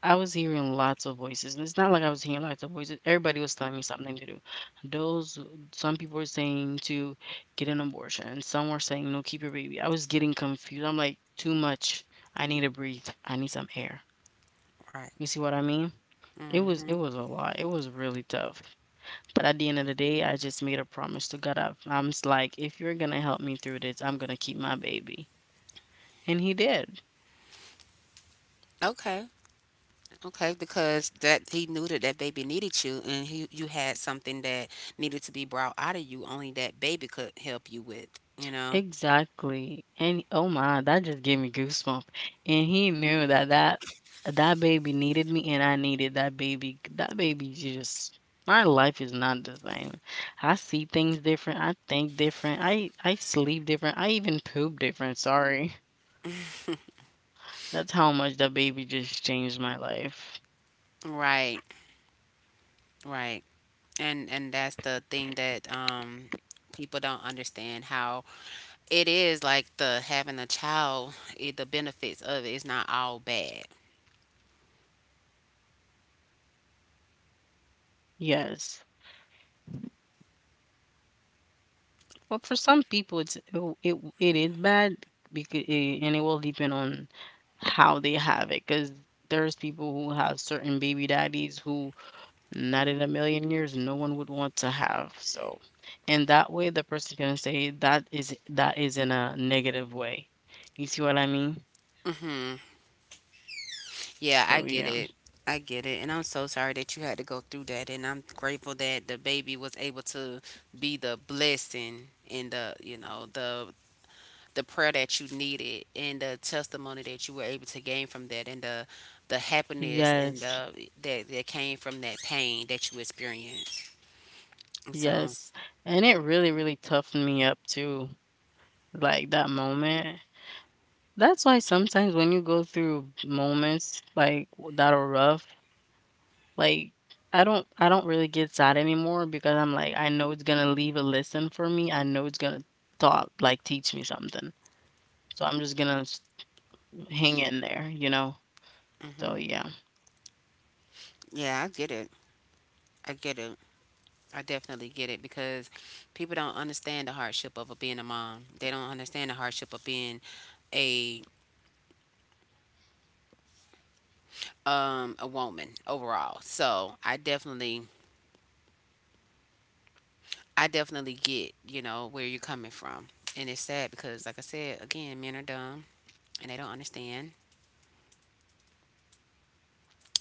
S2: I was hearing lots of voices, and it's not like I was hearing lots of voices. Everybody was telling me something to do. Those, some people were saying to get an abortion. Some were saying no, keep your baby. I was getting confused. I'm like, too much. I need to breathe. I need some air.
S1: Right.
S2: You see what I mean? It was it
S1: Mhm.
S2: was a lot. It was really tough. But at the end of the day, I just made a promise to God. Like, if you're gonna help me through this, I'm gonna keep my baby, and He did.
S1: Okay. Okay, because that he knew that that baby needed you, and he, you had something that needed to be brought out of you. Only that baby could help you with, you know.
S2: Exactly, and oh my, that just gave me goosebumps. And he knew that that baby needed me and I needed that baby. That baby just my life is not the same. I see things different, I think different, I sleep different, I even poop different, sorry. That's how much that baby just changed my life.
S1: Right, right, and that's the thing that people don't understand how it is like the having a child. It, the benefits of it is not all bad.
S2: Yes. Well, for some people it, it is bad because it will depend on how they have it because there's people who have certain baby daddies who not in a million years no one would want to have. So and that way the person can say that is in a negative way, you see what I mean?
S1: Mm-hmm. Yeah, I
S2: So
S1: get
S2: yeah.
S1: it. I get it. And I'm so sorry that you had to go through that. And I'm grateful that the baby was able to be the blessing and the, you know, the prayer that you needed and the testimony that you were able to gain from that and the happiness and
S2: Yes.
S1: the that that came from that pain that you experienced. And so,
S2: Yes, and it really really toughened me up too, like that moment. That's why sometimes when you go through moments that are rough, like, I don't really get sad anymore because I'm like, I know it's gonna leave a lesson for me. I know it's gonna thought like teach me something. So I'm just gonna s- hang in there, you know? So
S1: hmm.
S2: yeah.
S1: Yeah, I get it. I get it. I definitely get it because people don't understand the hardship of being a mom. They don't understand the hardship of being a a woman overall. So I definitely, I definitely get, you know, where you're coming from. And it's sad because like I said, again, men are dumb and they don't understand.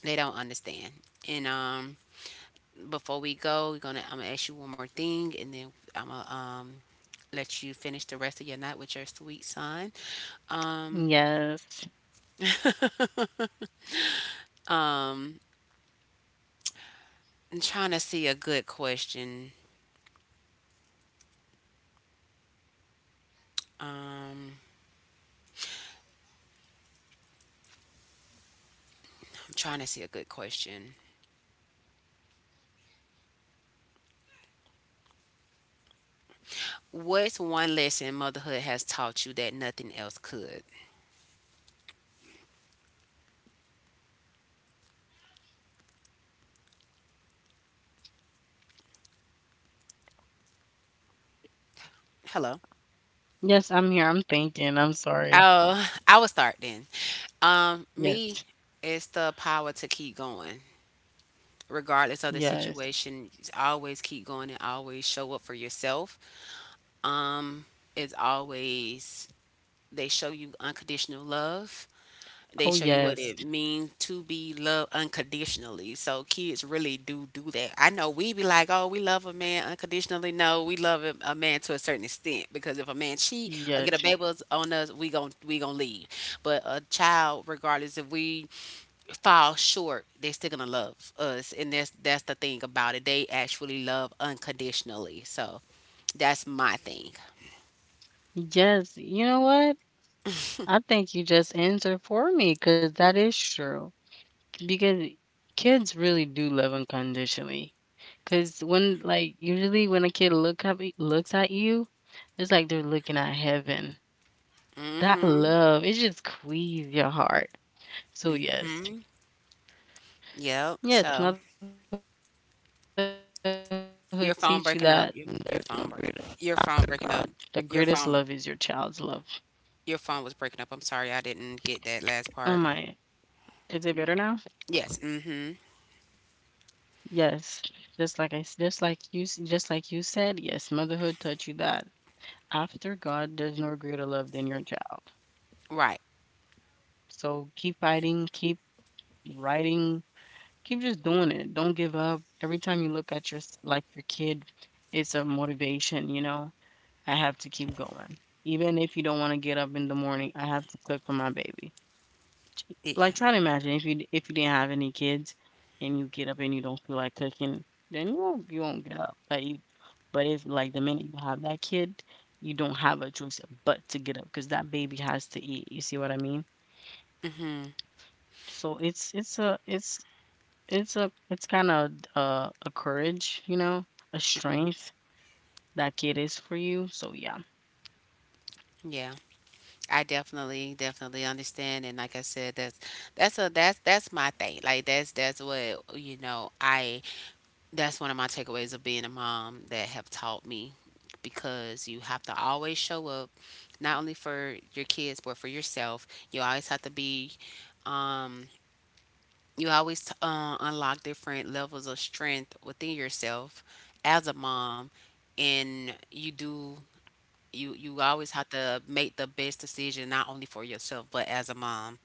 S1: They don't understand. And before we go, we're gonna, I'm gonna ask you one more thing and then I'm gonna let you finish the rest of your night with your sweet son. Um
S2: Yes.
S1: um I'm trying to see a good question. Um I'm trying to see a good question. What's one lesson motherhood has taught you that nothing else could? Hello.
S2: Yes, I'm here. I'm thinking. I'm sorry.
S1: Oh, I will start then. Me,
S2: Yes.
S1: it's the power to keep going. Regardless of the
S2: Yes.
S1: situation, just always keep going and always show up for yourself. Um, it's always, they show you unconditional love. They
S2: Oh
S1: show you what
S2: yes.
S1: it means to be loved unconditionally. So kids really do do that. I know we be like, oh, we love a man unconditionally. No, we love a man to a certain extent, because if a man cheat or get a
S2: Yes.
S1: baby on us, we gonna leave. But a child, regardless if we fall short, they still gonna love us, and that's the thing about it. They actually love unconditionally. So that's my thing.
S2: Yes. You know what? I think you just answered for me because that is true. Because kids really do love unconditionally. Cause when, like, usually when a kid looks at you, it's like they're looking at heaven. That
S1: Mm-hmm.
S2: love, it just squeezes your heart. So yes. Yes,
S1: Yep. So.
S2: motherhood teach you that there's no greater, after
S1: Your
S2: God.
S1: phone
S2: The
S1: breaking up.
S2: greatest love
S1: Your
S2: is your
S1: phone breaking.
S2: child's love.
S1: Your phone breaking up. Your phone. Your phone was breaking up.
S2: Oh
S1: I'm sorry, I
S2: my,
S1: didn't get that
S2: is it
S1: last
S2: better
S1: part.
S2: now?
S1: Yes. Mm-hmm.
S2: Yes. Just like I s- just like you s- just like you said, yes, motherhood taught you that after God, there's no greater love than your child.
S1: Right.
S2: So keep fighting, keep writing, keep just doing it. Don't give up. Every time you look at like your kid, it's a motivation, you know. I have to keep going. Even if you don't want to get up in the morning, I have to cook for my baby.
S1: Yeah.
S2: Like, try to imagine if you didn't have any kids and you get up and you don't feel like cooking, then you won't get up, but you, but if, like, the minute you have that kid, you don't have a choice but to get up because that baby has to eat, you see what I mean? So it's kinda d a courage, you know, a strength that kid is for you, so yeah.
S1: Yeah. I definitely, definitely understand, and like I said, that's a, that's, that's my thing. Like that's what, you know. I, that's one of my takeaways of being a mom that have taught me, because you have to always show up, not only for your kids but for yourself. You always have to be. Um, you always unlock different levels of strength within yourself as a mom, and you do, you always have to make the best decision not only for yourself but as a mom.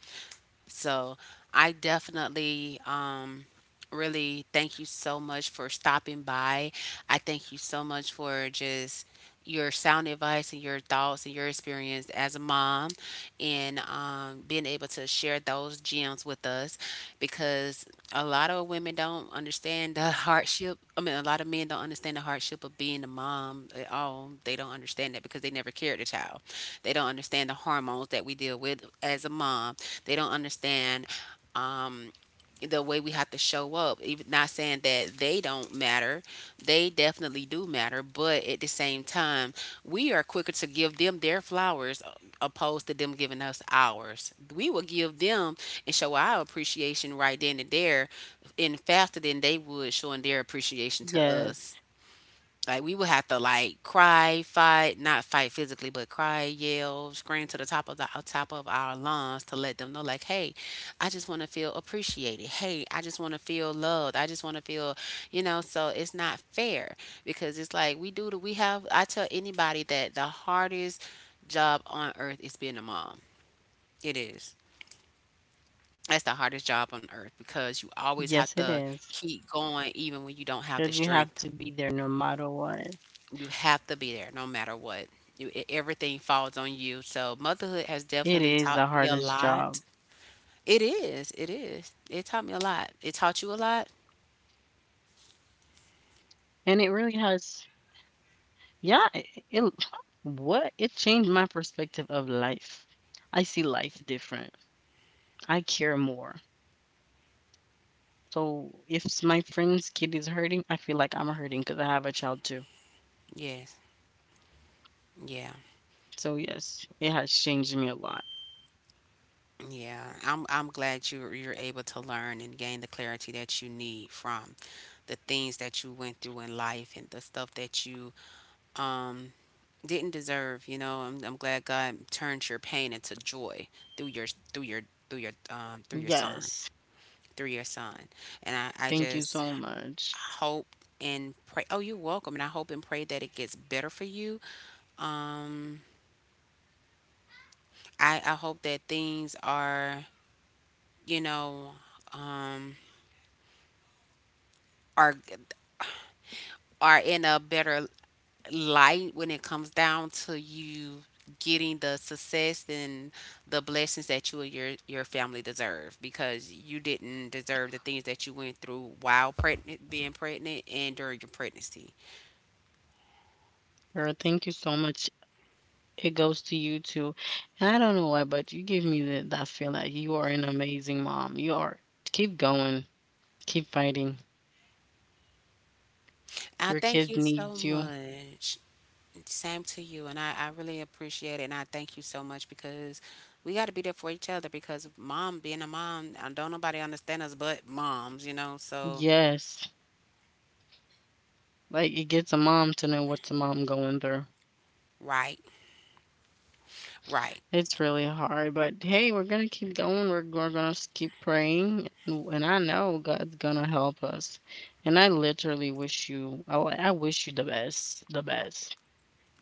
S1: So I definitely, really thank you so much for stopping by. I thank you so much for just your sound advice and your thoughts and your experience as a mom and being able to share those gems with us, because a lot of women don't understand the hardship, I mean, a lot of men don't understand the hardship of being a mom at all. They don't understand that because they never cared a child. They don't understand the hormones that we deal with as a mom. They don't understand um, the way we have to show up. Even not saying that they don't matter, they definitely do matter. But at the same time, we are quicker to give them their flowers, opposed to them giving us ours. We will give them and show our appreciation right then and there, and faster than they would showing their
S2: Yes.
S1: appreciation to us. Like we would have to like cry, fight, not fight physically, but cry, yell, scream to the top of the, top of our lungs to let them know, like, hey, I just want to feel appreciated. Hey, I just want to feel loved. I just want to feel, you know. So it's not fair because it's like we do. The we have. I tell anybody that the hardest job on earth is being a mom. It is. That's the hardest job on earth because you always have to
S2: Yes, it is,
S1: keep going even when you don't have the
S2: because you
S1: strength.
S2: have to be there no matter what.
S1: You have to be there no matter what. Everything falls on you. So motherhood has
S2: It
S1: definitely
S2: is
S1: taught
S2: the
S1: me a
S2: hardest
S1: lot.
S2: job,
S1: It is. It is. It taught me a lot. It taught you a lot?
S2: and it really has, yeah, it what it changed my perspective of life. I see life different. I care more. So if my friend's kid is hurting, I feel like I'm hurting because I have a child too.
S1: Yes. Yeah.
S2: So yes, it has changed me a lot.
S1: Yeah. I'm glad you're able to learn and gain the clarity that you need from the things that you went through in life and the stuff that you um didn't deserve. I'm glad God turned your pain into joy through your through your through your son.
S2: Yes.
S1: Through your son. And I just
S2: Thank you so much.
S1: hope and pray. Oh, you're welcome. And I hope and pray that it gets better for you. Um, I hope that things you know, um, are are in a better light when it comes down to you getting the success and the blessings that you and your family deserve because you didn't deserve the things that you went through while pregnant being pregnant and during your pregnancy.
S2: Girl, thank you so much. It goes to you too. And I don't know why, but you give me that, that feel like you are an amazing mom. You are. Keep going. Keep fighting.
S1: I
S2: Your
S1: thank
S2: kid
S1: you so
S2: needs you.
S1: much. Same to you, and I really appreciate it, and I thank you so much because we got to be there for each other. Because mom, being a mom, don't nobody understand us but moms, you know. So
S2: Yes. Like, it gets a mom to know what's a mom going through.
S1: right, right.
S2: It's really hard, but hey, we're gonna keep going. We're keep praying, and I know God's gonna help us. And I literally wish you, I, w- I wish you the best, the best.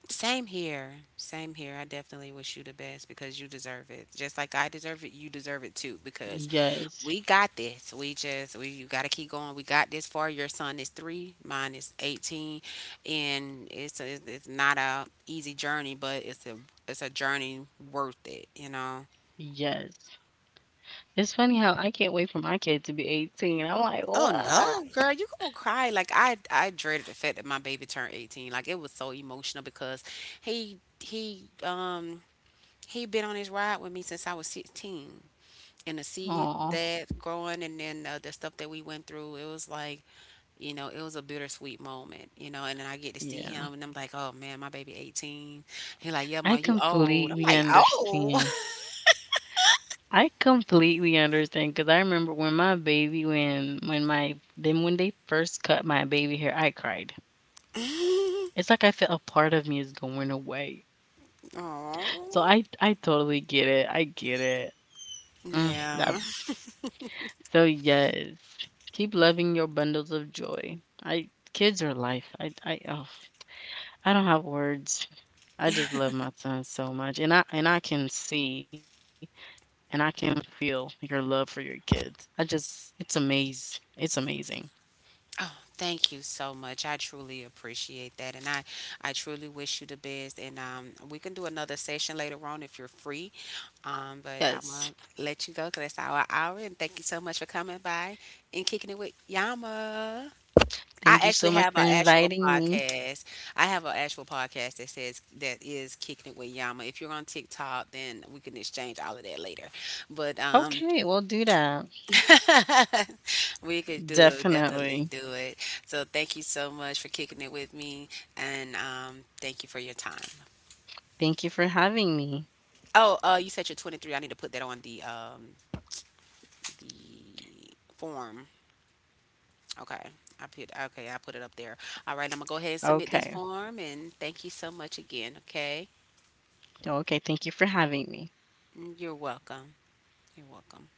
S1: Same here. Same here. I definitely wish you the best because you deserve it. Just like I deserve it, you deserve it too because
S2: Yes,
S1: we got this. We you got to keep going. We got this far. Your son is 3, mine is 18, and it's not a easy journey, but it's a journey worth it, you know.
S2: yes. It's funny how I can't wait for my kid to be 18. I'm like,
S1: Oh
S2: what?
S1: no, girl, you gonna cry. Like I dreaded the fact that my baby turned 18. Like it was so emotional because he he been on his ride with me since I was 16. And to see
S2: Oh,
S1: that growing and the stuff that we went through, it was like, you know, it was a bittersweet moment, you know, and then I get to see
S2: yeah.
S1: him and I'm like, oh man, my baby 18. He like, yeah, ma,
S2: I
S1: you old. I'm
S2: completely
S1: like, oh.
S2: understand. I completely understand because I remember when my baby when they first cut my baby hair, I cried. It's like I felt a part of me is going away.
S1: Aw.
S2: So I totally get it. I get it. Mm, that
S1: Yeah.
S2: so yes. Keep loving your bundles of joy. I kids are life. I oh, I don't have words. I just love my son so much and I can see and I can feel your love for your kids. I just it's amazing. It's amazing.
S1: Oh, thank you so much. I truly appreciate that. I truly wish you the best. And we can do another session later on if you're free. But I'm
S2: Yes.
S1: going to let you go because that's our hour. And thank you so much for coming by and kicking it with Yama. I
S2: Thank you so
S1: actually
S2: much
S1: have
S2: for
S1: an actual
S2: inviting me.
S1: podcast. I have an actual podcast that is kicking it with Yama. If you're on TikTok, then we can exchange all of that later. But
S2: Okay, we'll do that.
S1: We could do it, definitely
S2: Definitely.
S1: do it. So thank you so much for kicking it with me, and thank you for your time.
S2: Thank you for having me.
S1: Oh, you said you're 23. I need to put that on the form. Okay, I put it up there. All right, I'm gonna go ahead and
S2: Oh,
S1: submit this form, and thank you so much again. Okay,
S2: okay. Thank you for having me.
S1: mm, you're welcome. You're welcome.